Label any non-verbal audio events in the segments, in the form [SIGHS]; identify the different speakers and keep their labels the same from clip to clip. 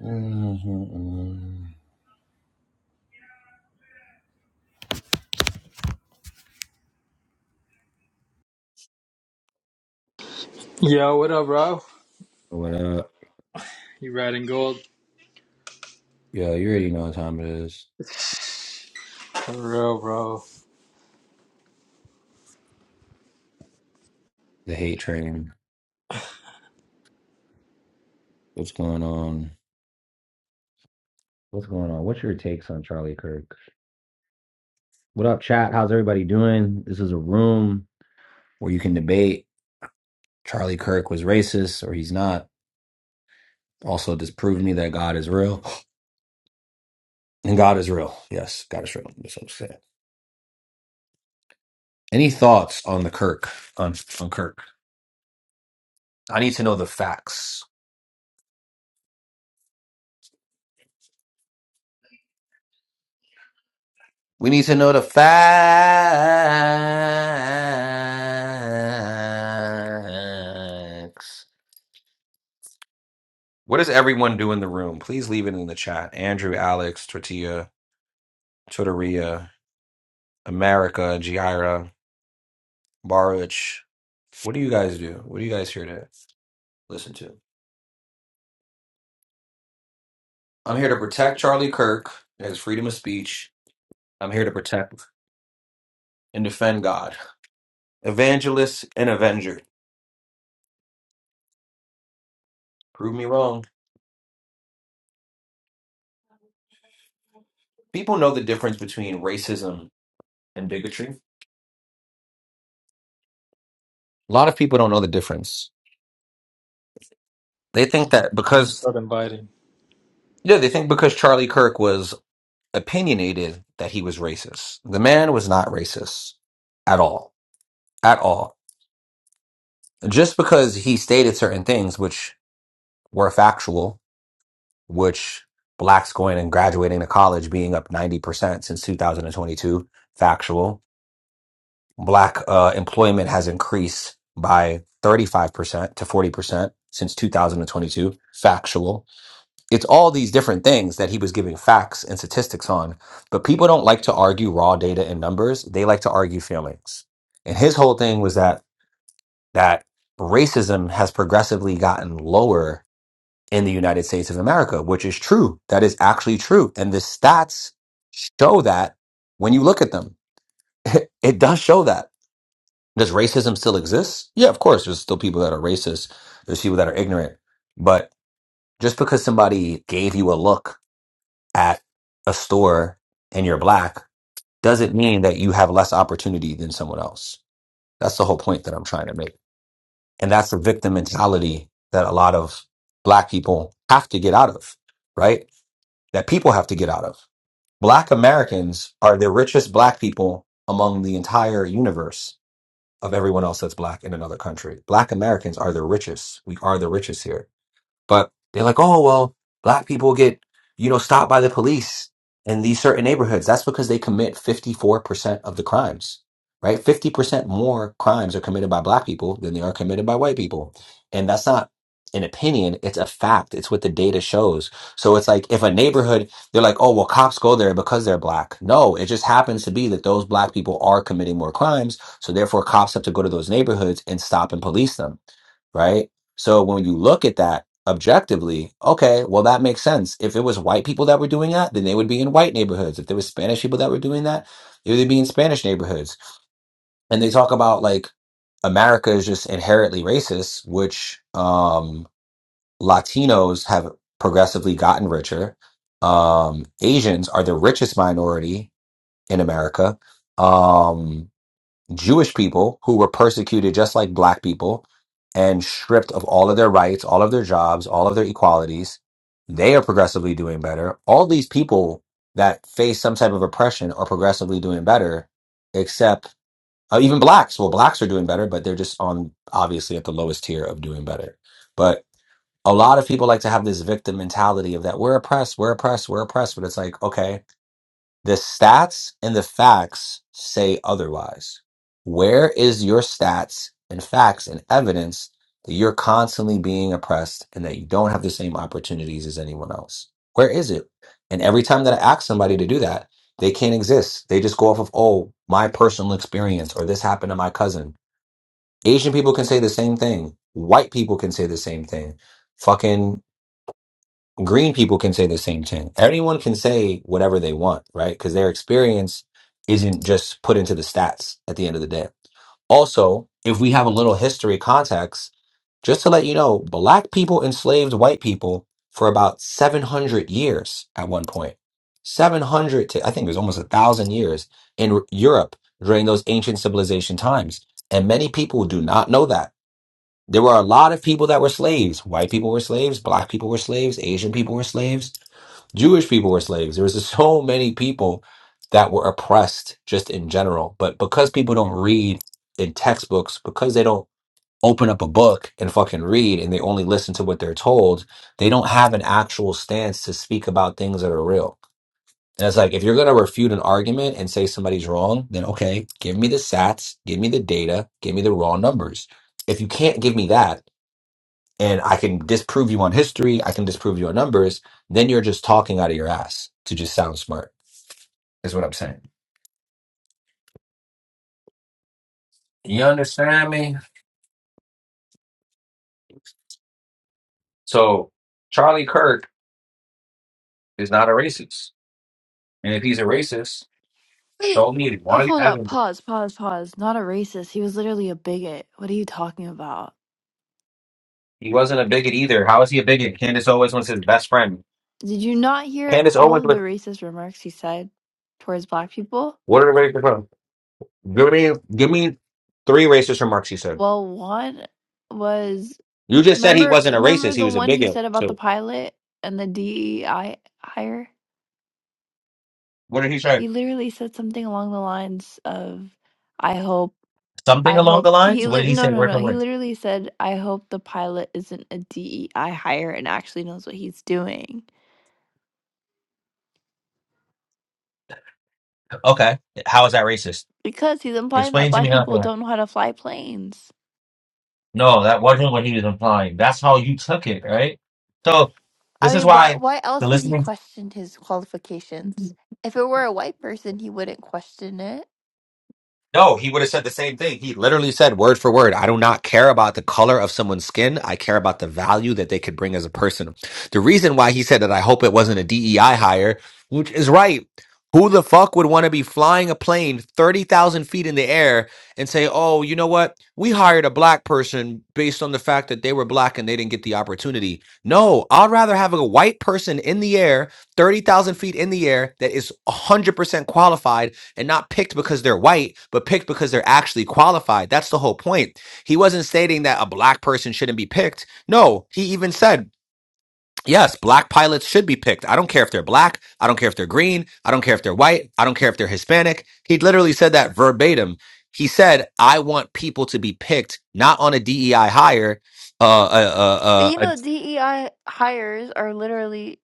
Speaker 1: Mhm.
Speaker 2: Yo, what up, bro?
Speaker 1: What up?
Speaker 2: You riding gold?
Speaker 1: Yo, you already know what time it is.
Speaker 2: For real, bro.
Speaker 1: The hate train. What's going on? What's going on? What's your takes on Charlie Kirk? What up, chat? How's everybody doing? This is a room where you can debate Charlie Kirk was racist or he's not. Also, disprove me that God is real. [GASPS] And God is real. Yes, God is real. That's what I'm saying. Any thoughts on the Kirk? On on Kirk? I need to know the facts. We need to know the facts. What does everyone do in the room? Please leave it in the chat. Andrew, Alex, Tortilla, Tortilla, America, Jaira, Baruch. What do you guys do? What are you guys here to listen to? I'm here to protect Charlie Kirk as freedom of speech. I'm here to protect and defend God. Evangelist and avenger. Prove me wrong. People know the difference between racism and bigotry A lot of people don't know the difference. They think that
Speaker 2: Let me
Speaker 1: because
Speaker 2: start inviting.
Speaker 1: yeah, they think because Charlie Kirk was opinionated that he was racist. The man was not racist at all. At all. Just because he stated certain things which were factual, which blacks going and graduating to college being up 90% since 2022, factual. Black uh, employment has increased by 35% to 40% since 2022, factual It's all these different things that he was giving facts and statistics on. But people don't like to argue raw data and numbers. They like to argue feelings. And his whole thing was that that racism has progressively gotten lower in the United States of America, which is true. That is actually true. And the stats show that when you look at them. [LAUGHS] It does show that. Does racism still exist? Yeah, of course. There's still people that are racist. There's people that are ignorant. But just because somebody gave you a look at a store and you're black doesn't mean that you have less opportunity than someone else. That's the whole point that I'm trying to make. And that's the victim mentality that a lot of black people have to get out of, right? That people have to get out of. Black Americans are the richest black people among the entire universe of everyone else that's black in another country. Black Americans are the richest. We are the richest here but they're like, oh, well, black people get, you know, stopped by the police in these certain neighborhoods. That's because they commit 54% of the crimes, right? 50% more crimes are committed by black people than they are committed by white people. And that's not an opinion, it's a fact. It's what the data shows. So it's like if a neighborhood, they're like, oh, well, cops go there because they're black. No, it just happens to be that those black people are committing more crimes. So therefore, cops have to go to those neighborhoods and stop and police them right? So when you look at that objectively, okay, well, that makes sense. If it was white people that were doing that, then they would be in white neighborhoods. If there was Spanish people that were doing that, they would be in Spanish neighborhoods. And they talk about like America is just inherently racist, which um, Latinos have progressively gotten richer. Um, Asians are the richest minority in America. Um, Jewish people who were persecuted just like black people and stripped of all of their rights, all of their jobs, all of their equalities. They are progressively doing better. All these people that face some type of oppression are progressively doing better, except uh, even blacks. Well, blacks are doing better, but they're just on obviously at the lowest tier of doing better. But a lot of people like to have this victim mentality of that we're oppressed, we're oppressed, we're oppressed. But it's like, okay, the stats and the facts say otherwise. Where is your stats and facts and evidence that you're constantly being oppressed and that you don't have the same opportunities as anyone else? Where is it? And every time that I ask somebody to do that, they can't exist. They just go off of, oh, my personal experience or this happened to my cousin. Asian people can say the same thing. White people can say the same thing. Fucking green people can say the same thing. Anyone can say whatever they want, right? Because their experience isn't just put into the stats at the end of the day. Also, if we have a little history context, just to let you know, black people enslaved white people for about 700 years at one point. 700 to, I think it was almost a thousand years in Europe during those ancient civilization times. And many people do not know that. There were a lot of people that were slaves. White people were slaves, black people were slaves, Asian people were slaves Jewish people were slaves. There was [LAUGHS] so many people that were oppressed just in general. But because people don't read in textbooks, because they don't open up a book and fucking read and they only listen to what they're told, they don't have an actual stance to speak about things that are real. And it's like if you're gonna refute an argument and say somebody's wrong, then okay, give me the sats, give me the data, give me the raw numbers. If you can't give me that, and I can disprove you on history, I can disprove you on numbers, then you're just talking out of your ass to just sound smart, is what I'm saying. You understand me? So Charlie Kirk is not a racist. And if he's a racist,
Speaker 3: Wait,
Speaker 1: show me
Speaker 3: oh,
Speaker 1: one
Speaker 3: hold up.
Speaker 1: evidence.
Speaker 3: Pause, pause, pause. Not a racist. He was literally a bigot. What are you talking about?
Speaker 1: He wasn't a bigot either. How is he a bigot? Candace Owens was his best friend.
Speaker 3: Did you not hear
Speaker 1: Candace
Speaker 3: all
Speaker 1: Owens
Speaker 3: of the
Speaker 1: was
Speaker 3: racist remarks he said towards black people?
Speaker 1: what are the racists from? Give me give me three racist remarks, he said.
Speaker 3: Well, one was
Speaker 1: You just said he
Speaker 3: remember
Speaker 1: wasn't a
Speaker 3: remember
Speaker 1: racist, he
Speaker 3: the
Speaker 1: was a
Speaker 3: one he
Speaker 1: bigot.
Speaker 3: said about the
Speaker 1: So
Speaker 3: pilot and the DEI hire?
Speaker 1: what did he say?
Speaker 3: He literally said something along the lines of I hope
Speaker 1: Something
Speaker 3: I
Speaker 1: along the
Speaker 3: hope
Speaker 1: lines?
Speaker 3: he
Speaker 1: What did
Speaker 3: lit
Speaker 1: he
Speaker 3: no
Speaker 1: say?
Speaker 3: no no
Speaker 1: Working
Speaker 3: he
Speaker 1: with?
Speaker 3: literally said I hope the pilot isn't a DEI hire and actually knows what he's doing.
Speaker 1: Okay. How is that racist?
Speaker 3: Because he's implying that
Speaker 1: Explain to
Speaker 3: black
Speaker 1: me how.
Speaker 3: people don't know how to fly planes.
Speaker 1: No, that wasn't what he was implying. That's how you took it, right? So
Speaker 3: I
Speaker 1: this is
Speaker 3: mean, why
Speaker 1: why
Speaker 3: why
Speaker 1: the
Speaker 3: else would he
Speaker 1: listening.
Speaker 3: question his qualifications? If it were a white person, he wouldn't question it.
Speaker 1: No, he would have said the same thing. He literally said word for word, I do not care about the color of someone's skin. I care about the value that they could bring as a person. The reason why he said that I hope it wasn't a DEI hire, which is right. Who the fuck would want to be flying a plane 30,000 feet in the air and say, oh, you know what? We hired a black person based on the fact that they were black and they didn't get the opportunity. No, I'd rather have a white person in the air, 30,000 feet in the air, that is 100% qualified and not picked because they're white, but picked because they're actually qualified. That's the whole point. He wasn't stating that a black person shouldn't be picked. No, he even said, yes, black pilots should be picked. I don't care if they're black. I don't care if they're green. I don't care if they're white. I don't care if they're Hispanic. He literally said that verbatim. He said, I want people to be picked, not on a DEI hire. Uh, uh, uh,
Speaker 3: But you
Speaker 1: uh, uh,
Speaker 3: know, DEI hires are literally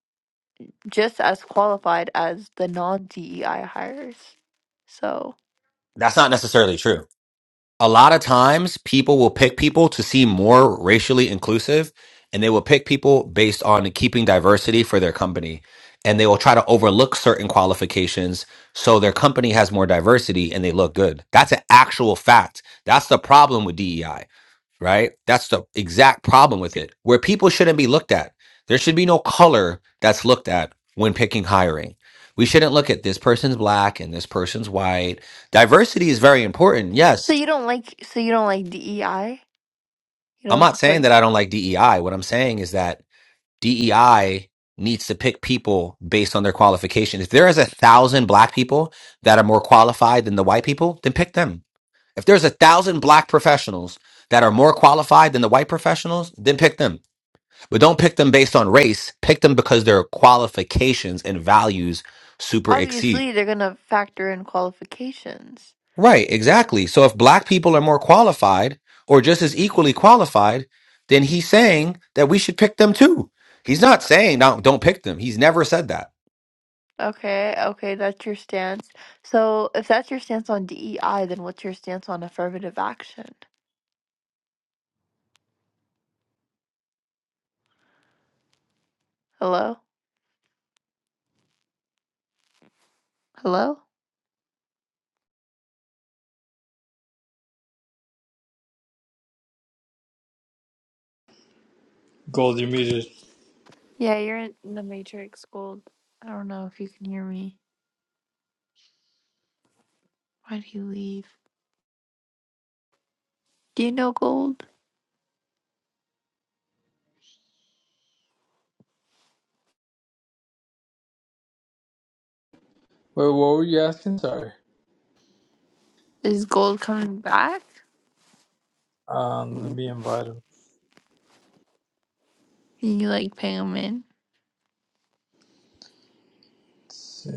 Speaker 3: just as qualified as the non-DEI hires. So,
Speaker 1: that's not necessarily true. a lot of times people will pick people to seem more racially inclusive and they will pick people based on keeping diversity for their company and they will try to overlook certain qualifications so their company has more diversity and they look good that's an actual fact that's the problem with DEI right that's the exact problem with it where people shouldn't be looked at there should be no color that's looked at when picking hiring we shouldn't look at this person's black and this person's white diversity is very important yes
Speaker 3: so you don't like so you don't like DEI? You
Speaker 1: I'm
Speaker 3: don't
Speaker 1: not saying
Speaker 3: support.
Speaker 1: that I don't like DEI. What I'm saying is that DEI needs to pick people based on their qualification. If there is a thousand black people that are more qualified than the white people, then pick them. If there's a thousand black professionals that are more qualified than the white professionals, then pick them. But don't pick them based on race. Pick them because their qualifications and values super exceed.
Speaker 3: Obviously, they're gonna factor in qualifications.
Speaker 1: Right, exactly. So if black people are more qualified or just as equally qualified, then he's saying that we should pick them too. He's not saying no, don't pick them. He's never said that.
Speaker 3: Okay, okay, that's your stance. So, if that's your stance on DEI, then what's your stance on affirmative action? Hello? Hello?
Speaker 2: Gold, you're muted. Wait,
Speaker 3: Yeah, you're in the Matrix, Gold. I don't know if you can hear me. Why'd he leave? Do you know Gold?
Speaker 2: what were you asking? Sorry.
Speaker 3: Is Gold coming back?
Speaker 2: Um, let
Speaker 3: Can
Speaker 2: me invite him.
Speaker 3: you like ping him in?
Speaker 2: Let's see.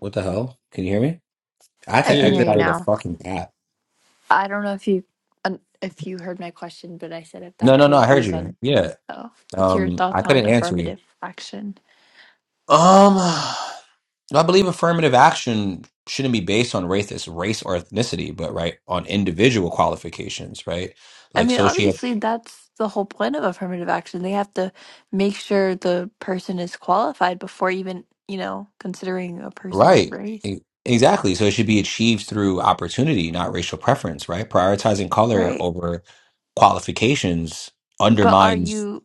Speaker 1: What the hell? Can you hear me? I had
Speaker 3: I
Speaker 1: to
Speaker 3: can hear
Speaker 1: exit
Speaker 3: you
Speaker 1: out
Speaker 2: Yeah,
Speaker 1: of the
Speaker 3: now.
Speaker 1: fucking app.
Speaker 3: I don't know if you un- if you heard my question, but I said if
Speaker 1: No,
Speaker 3: that's
Speaker 1: no, no.
Speaker 3: your
Speaker 1: I heard
Speaker 3: views
Speaker 1: you.
Speaker 3: on.
Speaker 1: Yeah.
Speaker 3: Oh, what's your
Speaker 1: Um, I
Speaker 3: thoughts on
Speaker 1: couldn't answer you.
Speaker 3: affirmative action?
Speaker 1: Um, [SIGHS] I believe affirmative action shouldn't be based on race, race or ethnicity, but right on individual qualifications, right?
Speaker 3: I
Speaker 1: Like
Speaker 3: mean,
Speaker 1: socioeconomic.
Speaker 3: obviously, that's the whole point of affirmative action. They have to make sure the person is qualified before even, you know, considering a person's
Speaker 1: Right.
Speaker 3: race.
Speaker 1: E- Exactly. So it should be achieved through opportunity, not racial preference, right? Prioritizing color
Speaker 3: Right.
Speaker 1: over qualifications
Speaker 3: But are
Speaker 1: undermines.
Speaker 3: you,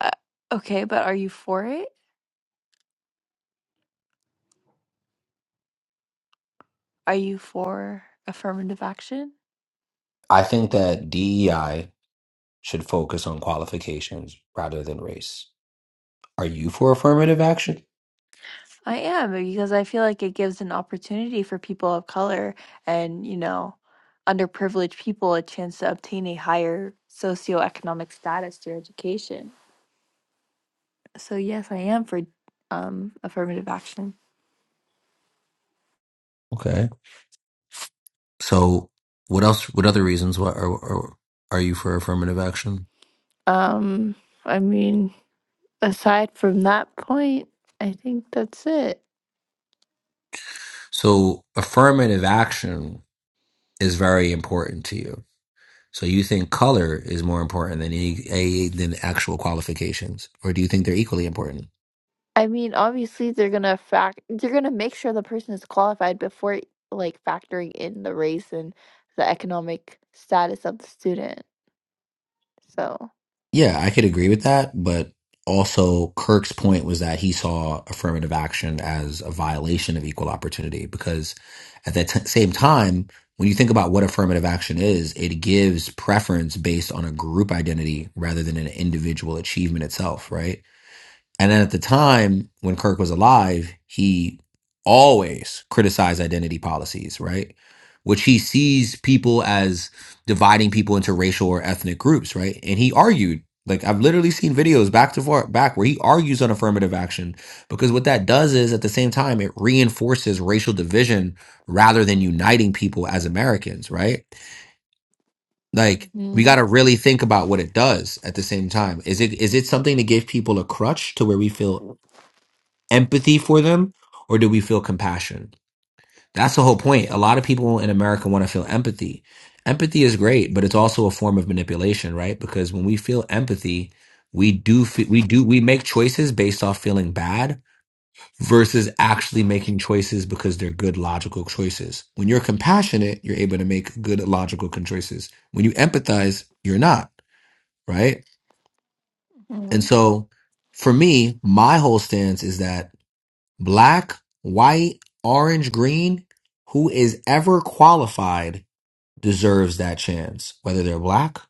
Speaker 3: uh, okay, but are you for it? Are you for affirmative action?
Speaker 1: I think that DEI should focus on qualifications rather than race. Are you for affirmative action?
Speaker 3: I am, because I feel like it gives an opportunity for people of color and, you know, underprivileged people a chance to obtain a higher socioeconomic status through education. So yes, I am for um affirmative action.
Speaker 1: Okay. So what else? What other reasons? What are, are, are you for affirmative action?
Speaker 3: Um I mean, aside from that point, I think that's it.
Speaker 1: So affirmative action is very important to you So you think color is more important than any, a, than actual qualifications, or do you think they're equally important?
Speaker 3: I mean, obviously they're going to fact they're going to make sure the person is qualified before like factoring in the race and the economic status of the student. So,
Speaker 1: Yeah, I could agree with that, but also Kirk's point was that he saw affirmative action as a violation of equal opportunity because at that t- same time, when you think about what affirmative action is, it gives preference based on a group identity rather than an individual achievement itself, right? And then at the time when Kirk was alive, he always criticized identity policies, right? Which he sees people as dividing people into racial or ethnic groups, right? And he argued, like I've literally seen videos back to far back where he argues on affirmative action because what that does is at the same time it reinforces racial division rather than uniting people as Americans, right? Like we got
Speaker 3: mhm,
Speaker 1: to really think about what it does at the same time. Is it is it something to give people a crutch to where we feel empathy for them or do we feel compassion? That's the whole point. A lot of people in America want to feel empathy. Empathy is great, but it's also a form of manipulation, right? Because when we feel empathy, we do fe- we do we make choices based off feeling bad versus actually making choices because they're good logical choices. When you're compassionate, you're able to make good logical con- choices. When you empathize, you're not, right? And
Speaker 3: mhm.
Speaker 1: so for me, my whole stance is that Black, white, orange, green, who is ever qualified deserves that chance. Whether they're black,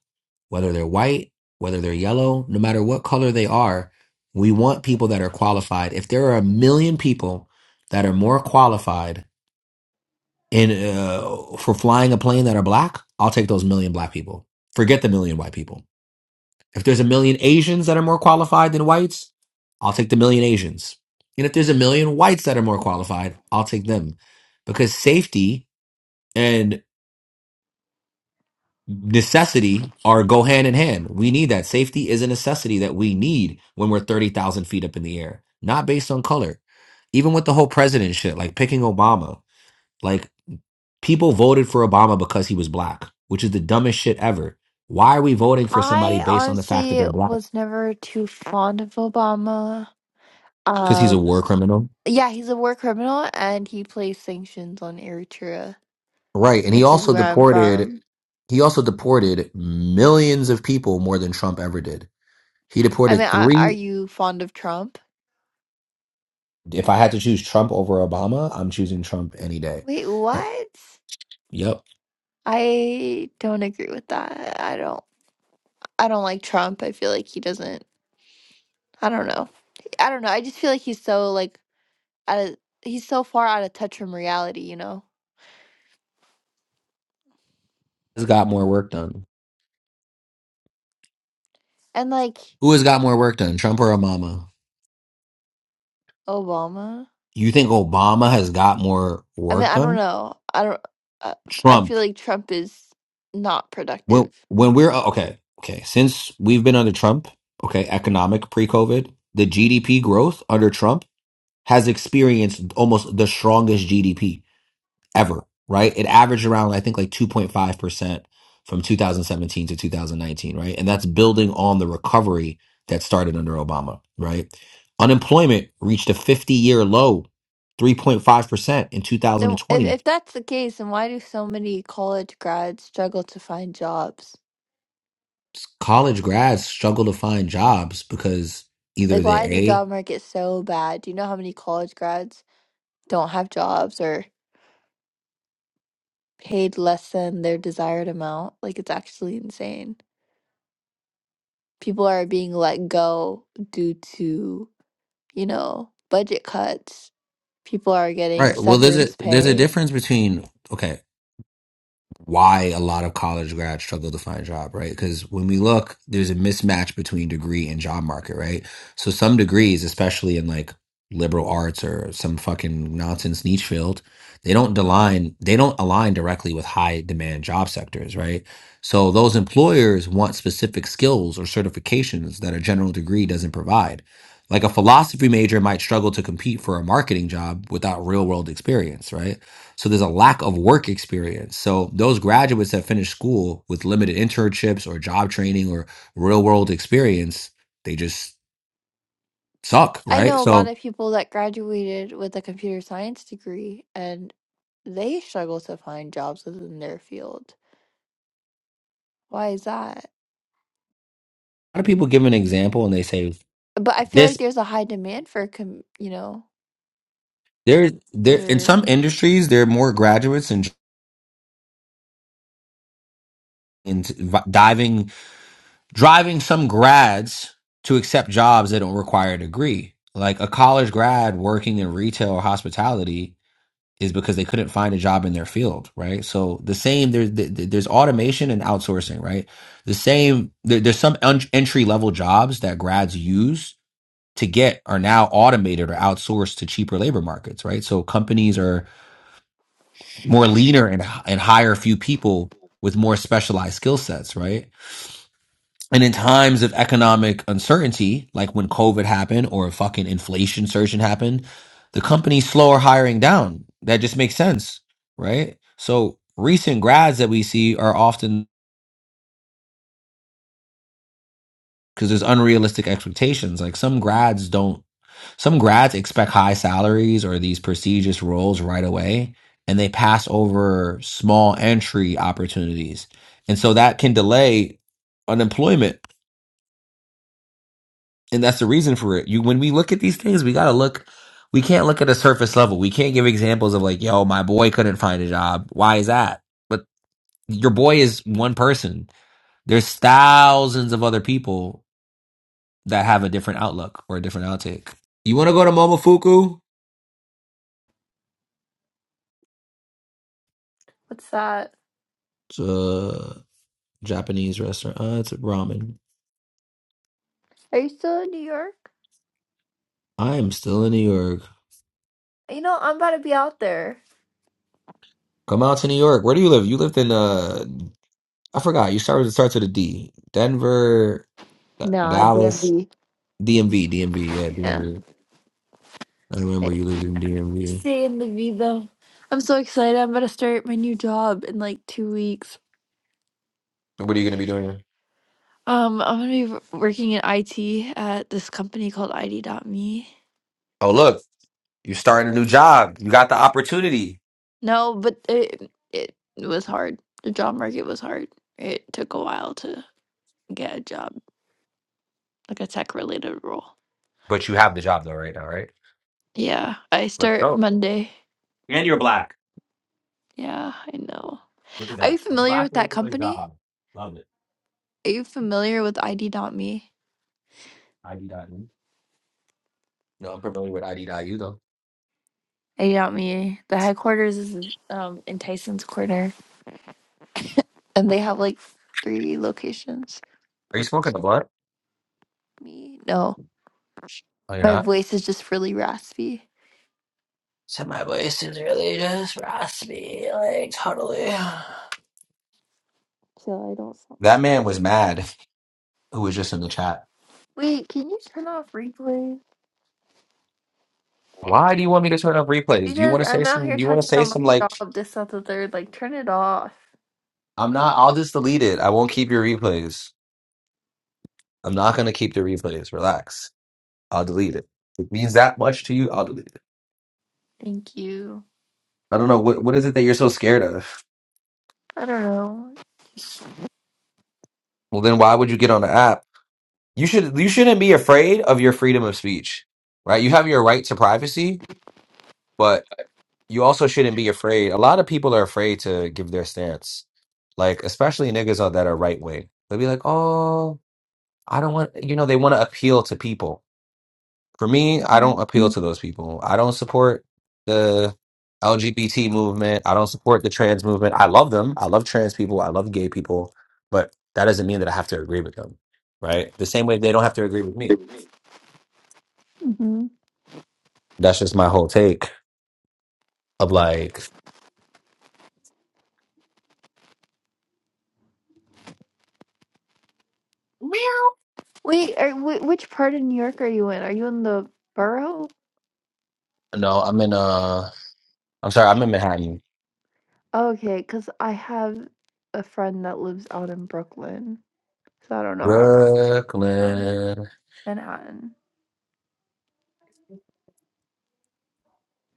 Speaker 1: whether they're white, whether they're yellow, no matter what color they are, we want people that are qualified. If there are a million people that are more qualified in uh, for flying a plane that are black, I'll take those million black people. Forget the million white people. If there's a million Asians that are more qualified than whites, I'll take the million Asians. And if there's a million whites that are more qualified, I'll take them because safety and necessity are go hand in hand. We need that. Safety is a necessity that we need when we're 30,000 feet up in the air, not based on color. Even with the whole president shit, like picking Obama, like people voted for Obama because he was black, which is the dumbest shit ever. Why are we voting for somebody
Speaker 3: I
Speaker 1: based on the fact that
Speaker 3: honestly
Speaker 1: they're black?
Speaker 3: was never too fond of Obama.
Speaker 1: Because he's a
Speaker 3: Um
Speaker 1: war criminal
Speaker 3: yeah, he's a war criminal and he placed sanctions on Eritrea
Speaker 1: Right, and he
Speaker 3: which is
Speaker 1: also
Speaker 3: where I'm
Speaker 1: deported
Speaker 3: from.
Speaker 1: he also deported millions of people more than Trump ever did. He
Speaker 3: I mean,
Speaker 1: deported
Speaker 3: I,
Speaker 1: three.
Speaker 3: are you fond of Trump?
Speaker 1: If I had to choose Trump over Obama, I'm choosing Trump any day.
Speaker 3: Wait, what?
Speaker 1: Yep.
Speaker 3: I don't agree with that. I don't. I don't like Trump. I feel like he doesn't. I don't know. I don't know. I just feel like he's so like out of, he's so far out of touch from reality, you know.
Speaker 1: Who's got more work done?
Speaker 3: And like
Speaker 1: Who has got more work done, Trump or Obama?
Speaker 3: Obama,
Speaker 1: You think Obama has got more
Speaker 3: I mean,
Speaker 1: work
Speaker 3: I don't
Speaker 1: done?
Speaker 3: know. I don't. Uh, I feel
Speaker 1: Trump.
Speaker 3: like Trump is not
Speaker 1: When
Speaker 3: productive.
Speaker 1: when we're oh, okay, okay, since we've been under Trump, okay, economic pre-COVID, the GDP growth under Trump has experienced almost the strongest GDP. ever, right? It averaged around, I think, like 2.5% from 2017 to 2019, right? And that's building on the recovery that started under Obama, right? Unemployment reached a 50 year low, 3.5% in
Speaker 3: Then, if
Speaker 1: 2020.
Speaker 3: if that's the case, then why do so many college grads struggle to find jobs?
Speaker 1: College grads struggle to find jobs because
Speaker 3: Like,
Speaker 1: either
Speaker 3: why is
Speaker 1: they're
Speaker 3: the
Speaker 1: A,
Speaker 3: job market so bad? Do you know how many college grads don't have jobs or paid less than their desired amount? Like, it's actually insane. People are being let go due to, you know, budget cuts. People are
Speaker 1: right?
Speaker 3: getting
Speaker 1: Well, there's a,
Speaker 3: severance
Speaker 1: there's a
Speaker 3: pay.
Speaker 1: difference between, okay. why a lot of college grads struggle to find a job, right? Because when we look, there's a mismatch between degree and job market, right? So some degrees, especially in like liberal arts or some fucking nonsense niche field, they don't align they don't align directly with high demand job sectors, right? So those employers want specific skills or certifications that a general degree doesn't provide. Like a philosophy major might struggle to compete for a marketing job without real world experience, right? So there's a lack of work experience. So those graduates that finish school with limited internships or job training or real world experience, they just suck,
Speaker 3: I
Speaker 1: right?
Speaker 3: know a
Speaker 1: So a
Speaker 3: lot of
Speaker 1: lot
Speaker 3: people that graduated with a computer science degree and they struggle to find jobs within their field. Why is that?
Speaker 1: of people give an example and they say
Speaker 3: But I feel like
Speaker 1: this
Speaker 3: there's a high demand for, com- you know,
Speaker 1: there there in
Speaker 3: for
Speaker 1: some industries there are more graduates and and v- diving driving some grads to accept jobs that don't require a degree. Like a college grad working in retail or hospitality is because they couldn't find a job in their field, right? So the same there's there's automation and outsourcing, right? The same there, there's some un- entry level jobs that grads use to get are now automated or outsourced to cheaper labor markets, right? So companies are more leaner and and hire a few people with more specialized skill sets, right? And in times of economic uncertainty, like when COVID happened or a fucking inflation surge happened, the companies slow or hiring down. That just makes sense, right? So recent grads that we see are often because there's unrealistic expectations. Like some grads don't, some grads expect high salaries or these prestigious roles right away, and they pass over small entry opportunities. And so that can delay unemployment and that's the reason for it. You when we look at these things, we gotta look. We can't look at a surface level. We can't give examples of like, yo, my boy couldn't find a job. Why is that? But your boy is one person. There's thousands of other people that have a different outlook or a different outtake. You want to go to Momofuku?
Speaker 3: What's that?
Speaker 1: It's a Japanese restaurant. Uh, it's ramen.
Speaker 3: Are you still in New York?
Speaker 1: I am still in New York.
Speaker 3: You know, I'm about to be out there.
Speaker 1: Come out to New York. Where do you live? You lived in uh, I forgot. You started. It starts with a D. Denver,
Speaker 3: Nah,
Speaker 1: Dallas.
Speaker 3: DMV.
Speaker 1: DMV, DMV, yeah,
Speaker 3: Yeah.
Speaker 1: DMV. I remember you lived in DMV.
Speaker 3: Stay in the V though. I'm so excited. I'm about to start my new job in like two weeks.
Speaker 1: What are you going to be doing?
Speaker 3: Um, I'm gonna be w- working in IT at this company called ID.me.
Speaker 1: Oh, look, you're starting a new job. You got the opportunity,
Speaker 3: No, but it it was hard. The job market was hard. It took a while to get a job, like a tech related role.
Speaker 1: but you have the job though right now, right?
Speaker 3: Yeah, I
Speaker 1: Let's
Speaker 3: start
Speaker 1: go.
Speaker 3: Monday.
Speaker 1: And you're black.
Speaker 3: Yeah, I know.
Speaker 1: Look at
Speaker 3: Are you
Speaker 1: that. A
Speaker 3: familiar
Speaker 1: black
Speaker 3: with
Speaker 1: woman
Speaker 3: that
Speaker 1: with a
Speaker 3: company?
Speaker 1: job. Love it.
Speaker 3: Are you familiar with ID.me?
Speaker 1: ID.U. No, I'm familiar with ID.U though.
Speaker 3: ID.me. The headquarters is um in Tyson's Corner, and they have like three locations.
Speaker 1: Are you smoking the blunt?
Speaker 3: Me, no,
Speaker 1: Oh, you're
Speaker 3: my
Speaker 1: not?
Speaker 3: voice is just really raspy,
Speaker 1: So my voice is really just raspy, like totally.
Speaker 3: so I don't sound
Speaker 1: That man was mad who was just in the chat.
Speaker 3: like. Wait, can you turn off replay? Why?
Speaker 1: Why do you want me to turn off replays? Do you
Speaker 3: Because
Speaker 1: want to say
Speaker 3: I'm out
Speaker 1: some?
Speaker 3: here
Speaker 1: Do you want to
Speaker 3: talking
Speaker 1: say
Speaker 3: about
Speaker 1: some
Speaker 3: my
Speaker 1: like?
Speaker 3: job, this, that, the third. Like, turn it off.
Speaker 1: I'm not. I'll just delete it. I won't keep your replays. I'm not gonna keep the replays. Relax. I'll delete it. If it means that much to you, I'll delete it.
Speaker 3: Thank you.
Speaker 1: I don't know what what is it that you're so scared of.
Speaker 3: I don't know.
Speaker 1: Well, then why would you get on the app? You should. You shouldn't be afraid of your freedom of speech, right? You have your right to privacy, but you also shouldn't be afraid. A lot of people are afraid to give their stance, like especially niggas are- that are right wing. They'll be like, "Oh, I don't want," you know, they want to appeal to people For me, I
Speaker 3: hmm
Speaker 1: don't appeal to those people. I don't support the LGBT movement. I don't support the trans movement. I love them. I love trans people. I love gay people, but that doesn't mean that I have to agree with them, right? The same way they don't have to agree with me.
Speaker 3: hmm
Speaker 1: That's just my whole take of like,
Speaker 3: Wait, are, wh- which part of New York are you in? Are you in the borough?
Speaker 1: no, I'm in uh, I'm sorry, I'm in Manhattan,
Speaker 3: Okay, cause I have a friend that lives out in Brooklyn, so I don't know how Oh. far from
Speaker 1: Brooklyn.
Speaker 3: Manhattan.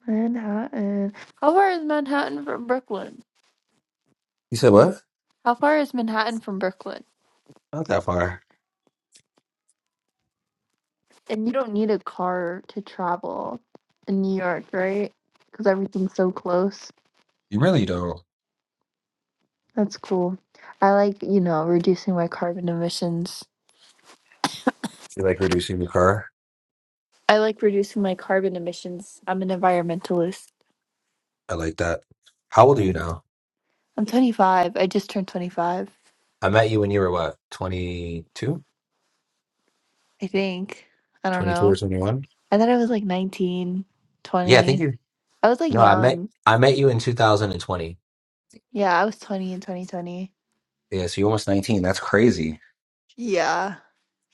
Speaker 3: Manhattan. How far is Manhattan from Brooklyn?
Speaker 1: You said what?
Speaker 3: How far is Manhattan from Brooklyn?
Speaker 1: Not that far.
Speaker 3: And you don't need a car to travel in New York, right? Cause everything's so close.
Speaker 1: You really don't.
Speaker 3: That's cool. I like, you know, reducing my carbon emissions.
Speaker 1: You like reducing your car?
Speaker 3: I like reducing my carbon emissions. I'm an environmentalist.
Speaker 1: I like that. How old are you now?
Speaker 3: I'm 25. I just turned 25,
Speaker 1: I met you when you were what, 22?
Speaker 3: I think. I don't
Speaker 1: 22
Speaker 3: know.
Speaker 1: or 21?
Speaker 3: I thought I was like 19,
Speaker 1: Yeah, I think
Speaker 3: 20.
Speaker 1: you.
Speaker 3: I was like
Speaker 1: No, I met
Speaker 3: young.
Speaker 1: I met you in 2020.
Speaker 3: Yeah, I was 20 in 2020.
Speaker 1: Yeah, so you're almost 19. That's crazy.
Speaker 3: Yeah.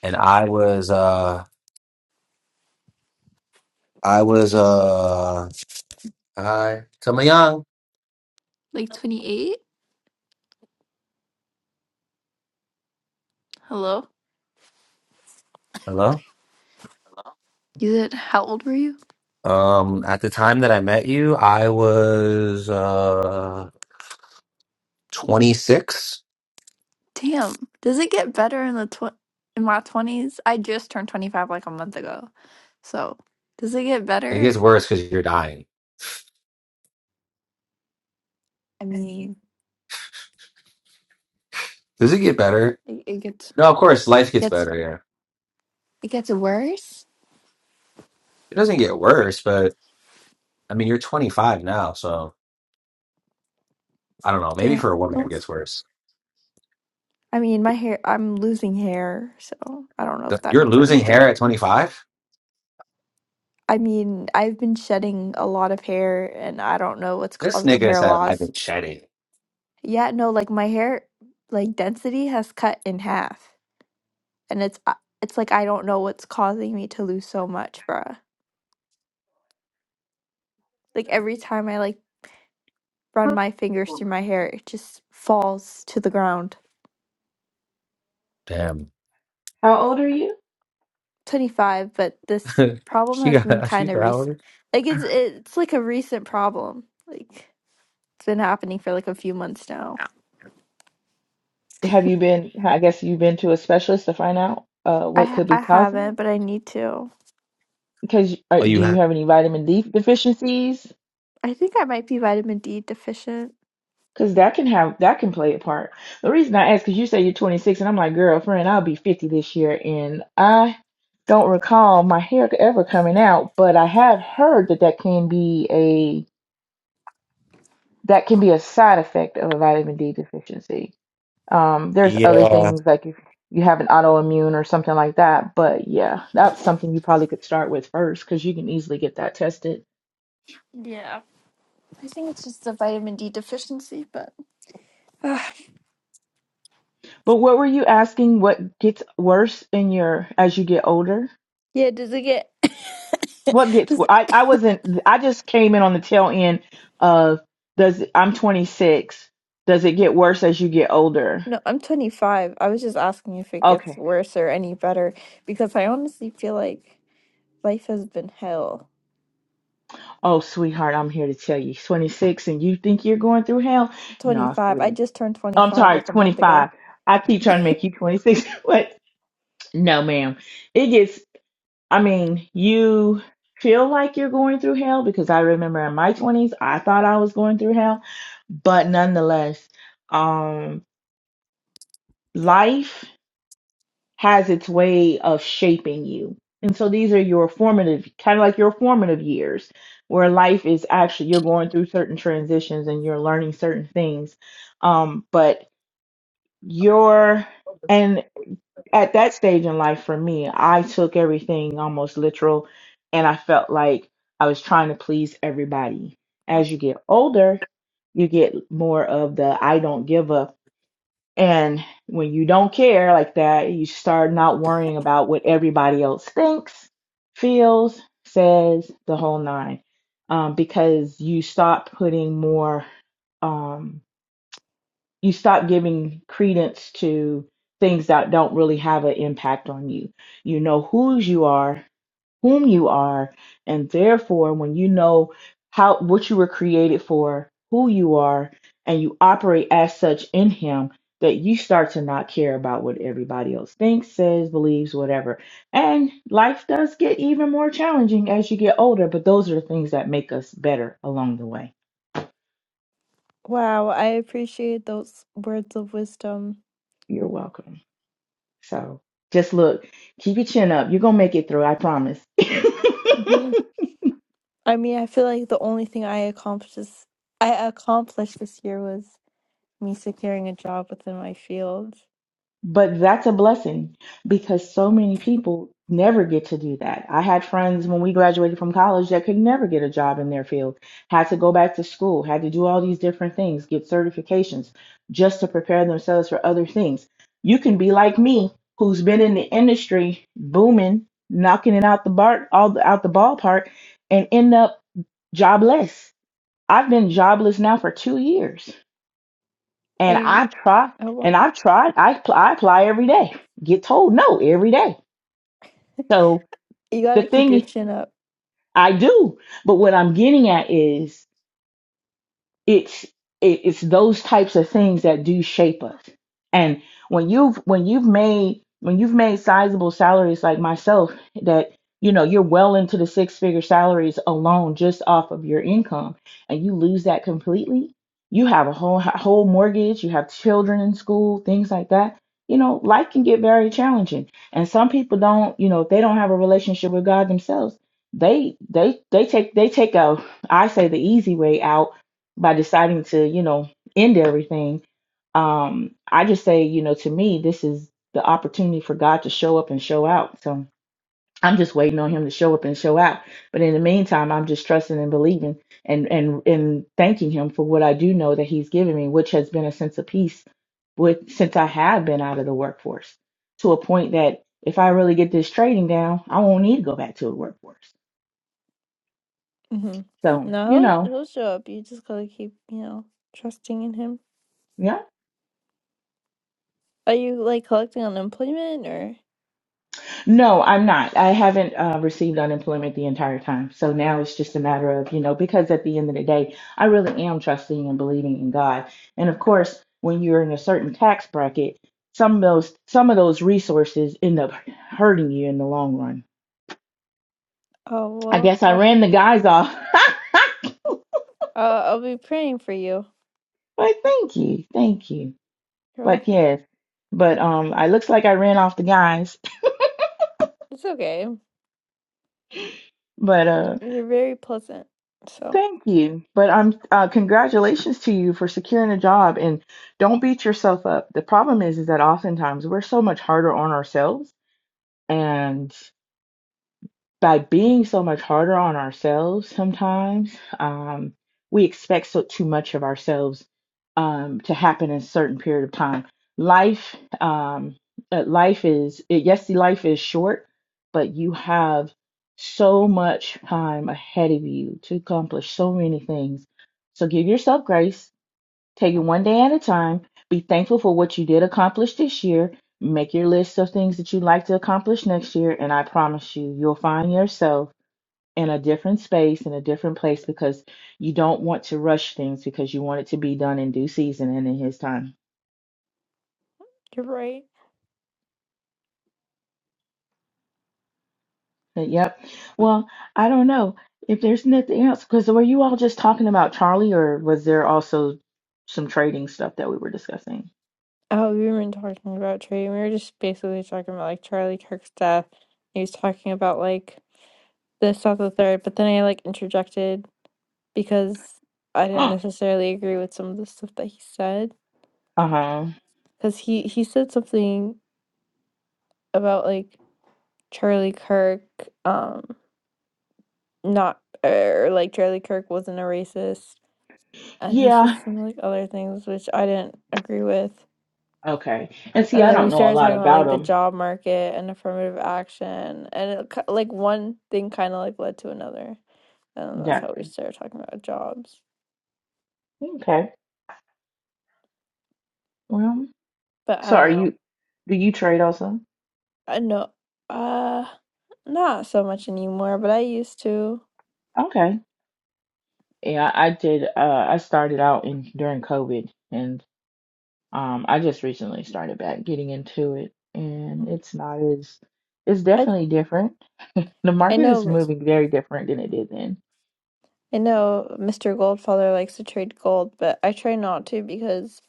Speaker 1: And I was uh I was uh hi Tama Young.
Speaker 3: Like 28? Hello?
Speaker 1: Hello.
Speaker 3: You said, how old were you?
Speaker 1: Um, at the time that I met you, I was uh 26.
Speaker 3: Damn. Does it get better in the tw- in my 20s? I just turned 25 like a month ago. So, does it get
Speaker 1: It
Speaker 3: better?
Speaker 1: gets worse because you're dying.
Speaker 3: I mean,
Speaker 1: Does it get better?
Speaker 3: it, it gets
Speaker 1: No, of course, life gets
Speaker 3: Gets
Speaker 1: better. Yeah,
Speaker 3: it gets worse?
Speaker 1: it doesn't get worse, but I mean, you're 25 now, so I don't know. Maybe for a
Speaker 3: damn.
Speaker 1: woman, it
Speaker 3: Don't,
Speaker 1: gets worse.
Speaker 3: I mean, my hair, I'm losing hair, so I don't know if
Speaker 1: The-
Speaker 3: that
Speaker 1: You're
Speaker 3: means
Speaker 1: losing
Speaker 3: anything.
Speaker 1: hair at 25?
Speaker 3: I mean, I've been shedding a lot of hair and I don't know what's
Speaker 1: This
Speaker 3: causing
Speaker 1: nigga
Speaker 3: hair
Speaker 1: said I've
Speaker 3: loss.
Speaker 1: been shedding.
Speaker 3: Yeah, no, like my hair like density has cut in half and it's uh, it's like I don't know what's causing me to lose so much, bruh. Like every time I like run my fingers through my hair, it just falls to the ground.
Speaker 1: Damn.
Speaker 4: How old are you?
Speaker 3: 25, but this
Speaker 1: [LAUGHS]
Speaker 3: problem
Speaker 1: she
Speaker 3: has been
Speaker 1: got
Speaker 3: kind
Speaker 1: she's
Speaker 3: of recent.
Speaker 1: valid.
Speaker 3: Like it's it's like a recent problem. Like it's been happening for like a few months now.
Speaker 4: Have you been, I guess you've been to a specialist to find out uh,
Speaker 3: I
Speaker 4: what
Speaker 3: ha-
Speaker 4: could be
Speaker 3: I
Speaker 4: causing
Speaker 3: haven't,
Speaker 4: it?
Speaker 3: but I need to.
Speaker 4: Because uh,
Speaker 1: Oh, you
Speaker 4: do you
Speaker 1: have.
Speaker 4: have any vitamin D deficiencies?
Speaker 3: I think I might be vitamin D deficient.
Speaker 4: Because that can have, that can play a part. The reason I ask, because you say you're 26, and I'm like, girlfriend, I'll be 50 this year, and I don't recall my hair ever coming out, but I have heard that that can be a, that can be a side effect of a vitamin D deficiency. Um, there's other
Speaker 1: Yeah.
Speaker 4: things like if you have an autoimmune or something like that, but yeah, that's something you probably could start with first because you can easily get that tested.
Speaker 3: Yeah, I think it's just the vitamin D deficiency, but Ugh.
Speaker 4: But what were you asking? What gets worse in your as you get older?
Speaker 3: yeah, does it get
Speaker 4: What
Speaker 3: [LAUGHS]
Speaker 4: gets?
Speaker 3: does
Speaker 4: wo-
Speaker 3: it
Speaker 4: I I wasn't. I just came in on the tail end of does. I'm 26. Does it get worse as you get older?
Speaker 3: no, I'm 25. I was just asking if it gets
Speaker 4: Okay.
Speaker 3: worse or any better because I honestly feel like life has been hell.
Speaker 4: Oh, sweetheart, I'm here to tell you, 26, and you think you're going through hell? No,
Speaker 3: 25. I
Speaker 4: sweetie.
Speaker 3: just turned
Speaker 4: I'm
Speaker 3: 25
Speaker 4: sorry,
Speaker 3: like a month ago.
Speaker 4: 25. I keep trying to make you 26. [LAUGHS] but No, ma'am. It gets, I mean, you feel like you're going through hell because I remember in my 20s, I thought I was going through hell. But nonetheless, um, life has its way of shaping you. And so these are your formative, kind of like your formative years, where life is actually, you're going through certain transitions and you're learning certain things. Um, but your, and at that stage in life for me, I took everything almost literal and I felt like I was trying to please everybody. As you get older, you get more of the I don't give up. And when you don't care like that, you start not worrying about what everybody else thinks, feels, says, the whole nine. Um, because you stop putting more um, you stop giving credence to things that don't really have an impact on you. You know whose you are, whom you are, and therefore when you know how what you were created for, who you are, and you operate as such in him that you start to not care about what everybody else thinks, says, believes, whatever. And life does get even more challenging as you get older, but those are the things that make us better along the way.
Speaker 3: Wow, I appreciate those words of wisdom.
Speaker 4: You're welcome. So just look, keep your chin up. You're gonna make it through, I promise. [LAUGHS]
Speaker 3: Mhm. I mean, I feel like the only thing I accomplished I accomplished this year was me securing a job within my field.
Speaker 4: but that's a blessing because so many people never get to do that. I had friends when we graduated from college that could never get a job in their field, had to go back to school, had to do all these different things, get certifications just to prepare themselves for other things. You can be like me, who's been in the industry booming, knocking it out the bar all the, out the ballpark, and end up jobless I've been jobless now for two years,
Speaker 3: Are
Speaker 4: and
Speaker 3: you?
Speaker 4: I've tried,
Speaker 3: Oh, well,
Speaker 4: and I've tried. I pl- I apply every day, get told no every day.
Speaker 3: [LAUGHS]
Speaker 4: So
Speaker 3: you
Speaker 4: the
Speaker 3: gotta keep your
Speaker 4: thing
Speaker 3: chin up.
Speaker 4: I do, but what I'm getting at is it's it, it's those types of things that do shape us and when you've when you've made when you've made sizable salaries like myself that you know you're well into the six figure salaries alone just off of your income and you lose that completely you have a whole whole mortgage you have children in school things like that you know life can get very challenging and some people don't you know if they don't have a relationship with god themselves they they they take they take a i say the easy way out by deciding to, you know, end everything, um, I just say, you know, to me, this is the opportunity for God to show up and show out. So I'm just waiting on him to show up and show out. But in the meantime, I'm just trusting and believing and and and thanking him for what I do know that he's given me, which has been a sense of peace with since I have been out of the workforce to a point that if I really get this trading down, I won't need to go back to the workforce.
Speaker 3: hmm
Speaker 4: So, you
Speaker 3: No,
Speaker 4: know,
Speaker 3: he'll, he'll show up. You just gotta keep, you know, trusting in him.
Speaker 4: yeah.
Speaker 3: Are you like collecting unemployment or?
Speaker 4: No, I'm not. I haven't uh, received unemployment the entire time. So now it's just a matter of, you know, because at the end of the day, I really am trusting and believing in God. And of course, when you're in a certain tax bracket, some of those some of those resources end up hurting you in the long run.
Speaker 3: Oh
Speaker 4: I
Speaker 3: well,
Speaker 4: guess I
Speaker 3: I'll
Speaker 4: ran the guys off. [LAUGHS]
Speaker 3: uh, I'll be praying for you.
Speaker 4: but thank you. Thank you.
Speaker 3: You're all,
Speaker 4: But yes. But um I looks like I ran off the guys. [LAUGHS]
Speaker 3: it's okay.
Speaker 4: But uh.
Speaker 3: You're very pleasant, so
Speaker 4: Thank you. But I'm uh, congratulations to you for securing a job and don't beat yourself up. The problem is is that oftentimes we're so much harder on ourselves and by being so much harder on ourselves sometimes um, we expect so too much of ourselves um, to happen in a certain period of time life um, uh, life is yes life is short but you have so much time ahead of you to accomplish so many things so give yourself grace Take it one day at a time. Be thankful for what you did accomplish this year. Make your list of things that you'd like to accomplish next year. And I promise you, you'll find yourself in a different space, in a different place, because you don't want to rush things because you want it to be done in due season and in His time.
Speaker 3: you're right.
Speaker 4: But, Yep. Well, I don't know if there's nothing else, because were you all just talking about Charlie or was there also some trading stuff that we were discussing?
Speaker 3: Oh, we weren't talking about Trey. We were just basically talking about like Charlie Kirk's death. He was talking about like this, that, the third. But then I like interjected because I didn't
Speaker 4: [GASPS]
Speaker 3: necessarily agree with some of the stuff that he said.
Speaker 4: Uh huh.
Speaker 3: Because he he said something about like Charlie Kirk, um, not or like Charlie Kirk wasn't a racist, and he said
Speaker 4: Yeah.
Speaker 3: some like other things which I didn't agree with.
Speaker 4: Okay. And see,
Speaker 3: And
Speaker 4: I
Speaker 3: then
Speaker 4: don't
Speaker 3: we
Speaker 4: know a
Speaker 3: started
Speaker 4: lot
Speaker 3: talking about
Speaker 4: about
Speaker 3: like the
Speaker 4: him.
Speaker 3: job market and affirmative action, and it, ki- like one thing kind of like led to another, and that's how we
Speaker 4: Gotcha.
Speaker 3: started talking about jobs.
Speaker 4: Okay. Well,
Speaker 3: But I
Speaker 4: so
Speaker 3: don't
Speaker 4: are
Speaker 3: know.
Speaker 4: you, do you trade also?
Speaker 3: I know. Uh, not so much anymore, but I used to.
Speaker 4: Okay. Yeah, I did. Uh, I started out in during COVID, and um, I just recently started back getting into it, and
Speaker 3: Mhm.
Speaker 4: it's not as, it's
Speaker 3: I
Speaker 4: definitely different. The
Speaker 3: I
Speaker 4: market is
Speaker 3: know
Speaker 4: moving very different than it did then.
Speaker 3: I know Mr. Goldfather likes to trade gold, but I try not to because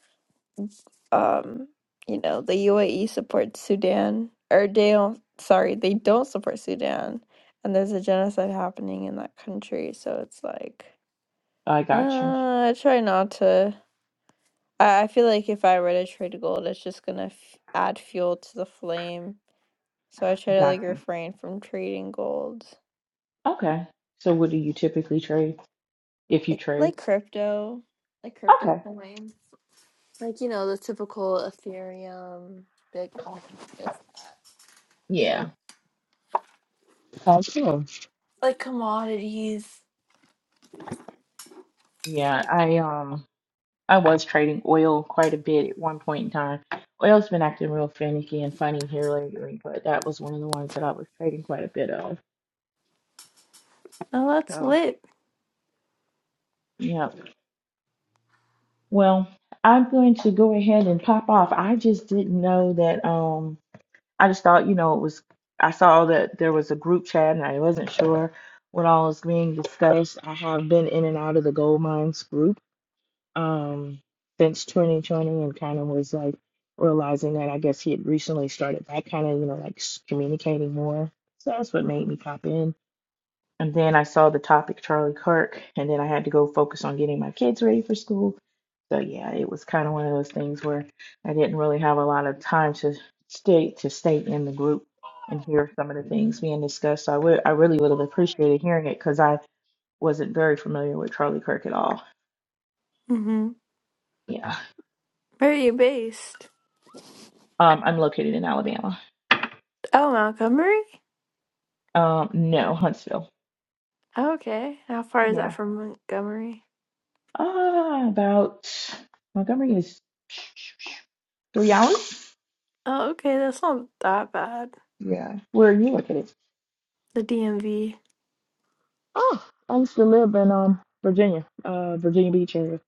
Speaker 3: um, you know, the UAE supports Sudan or they don't, sorry, they don't support Sudan and there's a genocide happening in that country, so it's like
Speaker 4: I got you.
Speaker 3: uh, I try not to. I, I feel like if I were to trade gold, it's just gonna f add fuel to the flame So I try to like
Speaker 4: Got you.
Speaker 3: refrain from trading gold.
Speaker 4: Okay. So what do you typically trade if you
Speaker 3: I
Speaker 4: trade?
Speaker 3: like crypto, like crypto
Speaker 4: Okay.
Speaker 3: coins. Like, you know, the typical Ethereum, Bitcoin. Yeah.
Speaker 4: Yeah. Oh, cool.
Speaker 3: Like commodities.
Speaker 4: Yeah, I um. I was trading oil quite a bit at one point in time. Oil's been acting real finicky and funny here lately, but that was one of the ones that I was trading quite a bit of.
Speaker 3: Oh, that's
Speaker 4: So,
Speaker 3: lit.
Speaker 4: yeah. Well, I'm going to go ahead and pop off. I just didn't know that. Um, I just thought, you know, it was. I saw that there was a group chat, and I wasn't sure what all was being discussed. I have been in and out of the gold mines group um, since 2020 and kind of was like realizing that I guess he had recently started back kind of, you know, like s- communicating more. So that's what made me pop in. And then I saw the topic Charlie Kirk, and then I had to go focus on getting my kids ready for school. So yeah, it was kind of one of those things where I didn't really have a lot of time to stay to stay in the group and hear some of the things being discussed. So I would I really would have appreciated hearing it because I wasn't very familiar with Charlie Kirk at all.
Speaker 3: hmm
Speaker 4: Yeah.
Speaker 3: Where are you based?
Speaker 4: Um, I'm located in Alabama.
Speaker 3: Oh, Montgomery?
Speaker 4: Um, no, Huntsville.
Speaker 3: Oh, okay. How far is that
Speaker 4: Yeah.
Speaker 3: from Montgomery?
Speaker 4: Ah, about Montgomery is three hours.
Speaker 3: Oh, okay. That's not that bad.
Speaker 4: Yeah. Where are you located?
Speaker 3: The DMV.
Speaker 4: Oh, I used to live in um Virginia, uh Virginia Beach area,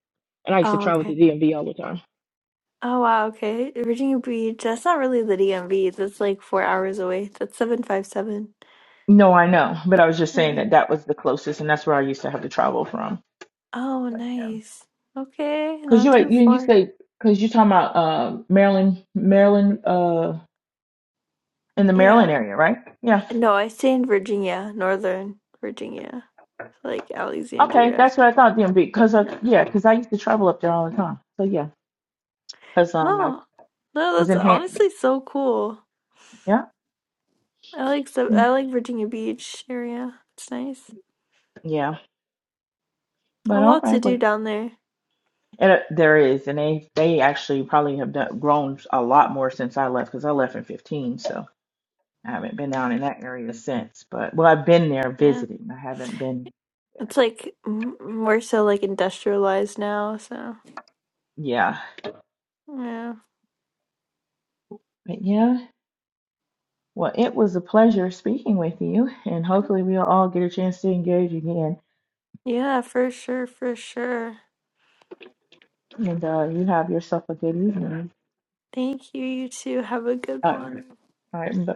Speaker 4: and I used to
Speaker 3: Oh,
Speaker 4: travel
Speaker 3: okay.
Speaker 4: to DMV all the time.
Speaker 3: Oh, wow. Okay. Virginia Beach. That's not really the DMV. That's like four hours away. That's 757.
Speaker 4: No, I know, but I was just saying
Speaker 3: Yeah.
Speaker 4: that that was the closest, and that's where I used to have to travel from.
Speaker 3: Oh,
Speaker 4: But yeah,
Speaker 3: nice. Okay,
Speaker 4: because
Speaker 3: not
Speaker 4: you
Speaker 3: too
Speaker 4: you you
Speaker 3: far.
Speaker 4: say because you talking about uh Maryland, Maryland, uh, in the Maryland
Speaker 3: Yeah.
Speaker 4: area, right? Yeah.
Speaker 3: No, I stay in Virginia, Northern Virginia, like
Speaker 4: Okay,
Speaker 3: Alexandria.
Speaker 4: that's what I thought DMV because of
Speaker 3: Yeah.
Speaker 4: yeah, because I used to travel up there all the time. So yeah, because um I
Speaker 3: Oh, no,
Speaker 4: was
Speaker 3: that's
Speaker 4: in hand.
Speaker 3: honestly so cool.
Speaker 4: Yeah,
Speaker 3: I like so
Speaker 4: yeah,
Speaker 3: I like Virginia Beach area. It's nice.
Speaker 4: yeah.
Speaker 3: A
Speaker 4: But all
Speaker 3: lot to
Speaker 4: right,
Speaker 3: do
Speaker 4: but
Speaker 3: down there.
Speaker 4: and uh, there is, and they they actually probably have done, grown a lot more since I left because I left in fifteen, so I haven't been
Speaker 3: Mm,
Speaker 4: down in that area since. But well, I've been there
Speaker 3: Yeah.
Speaker 4: visiting. I haven't been.
Speaker 3: It's like m- more so like industrialized now, so
Speaker 4: Yeah,
Speaker 3: yeah.
Speaker 4: but yeah. Well, it was a pleasure speaking with you, and hopefully we'll all get a chance to engage again.
Speaker 3: Yeah, for sure, for sure.
Speaker 4: And uh, you have yourself a good evening.
Speaker 3: Thank you. You too. Have a good
Speaker 4: Uh,
Speaker 3: one.
Speaker 4: all right, bye.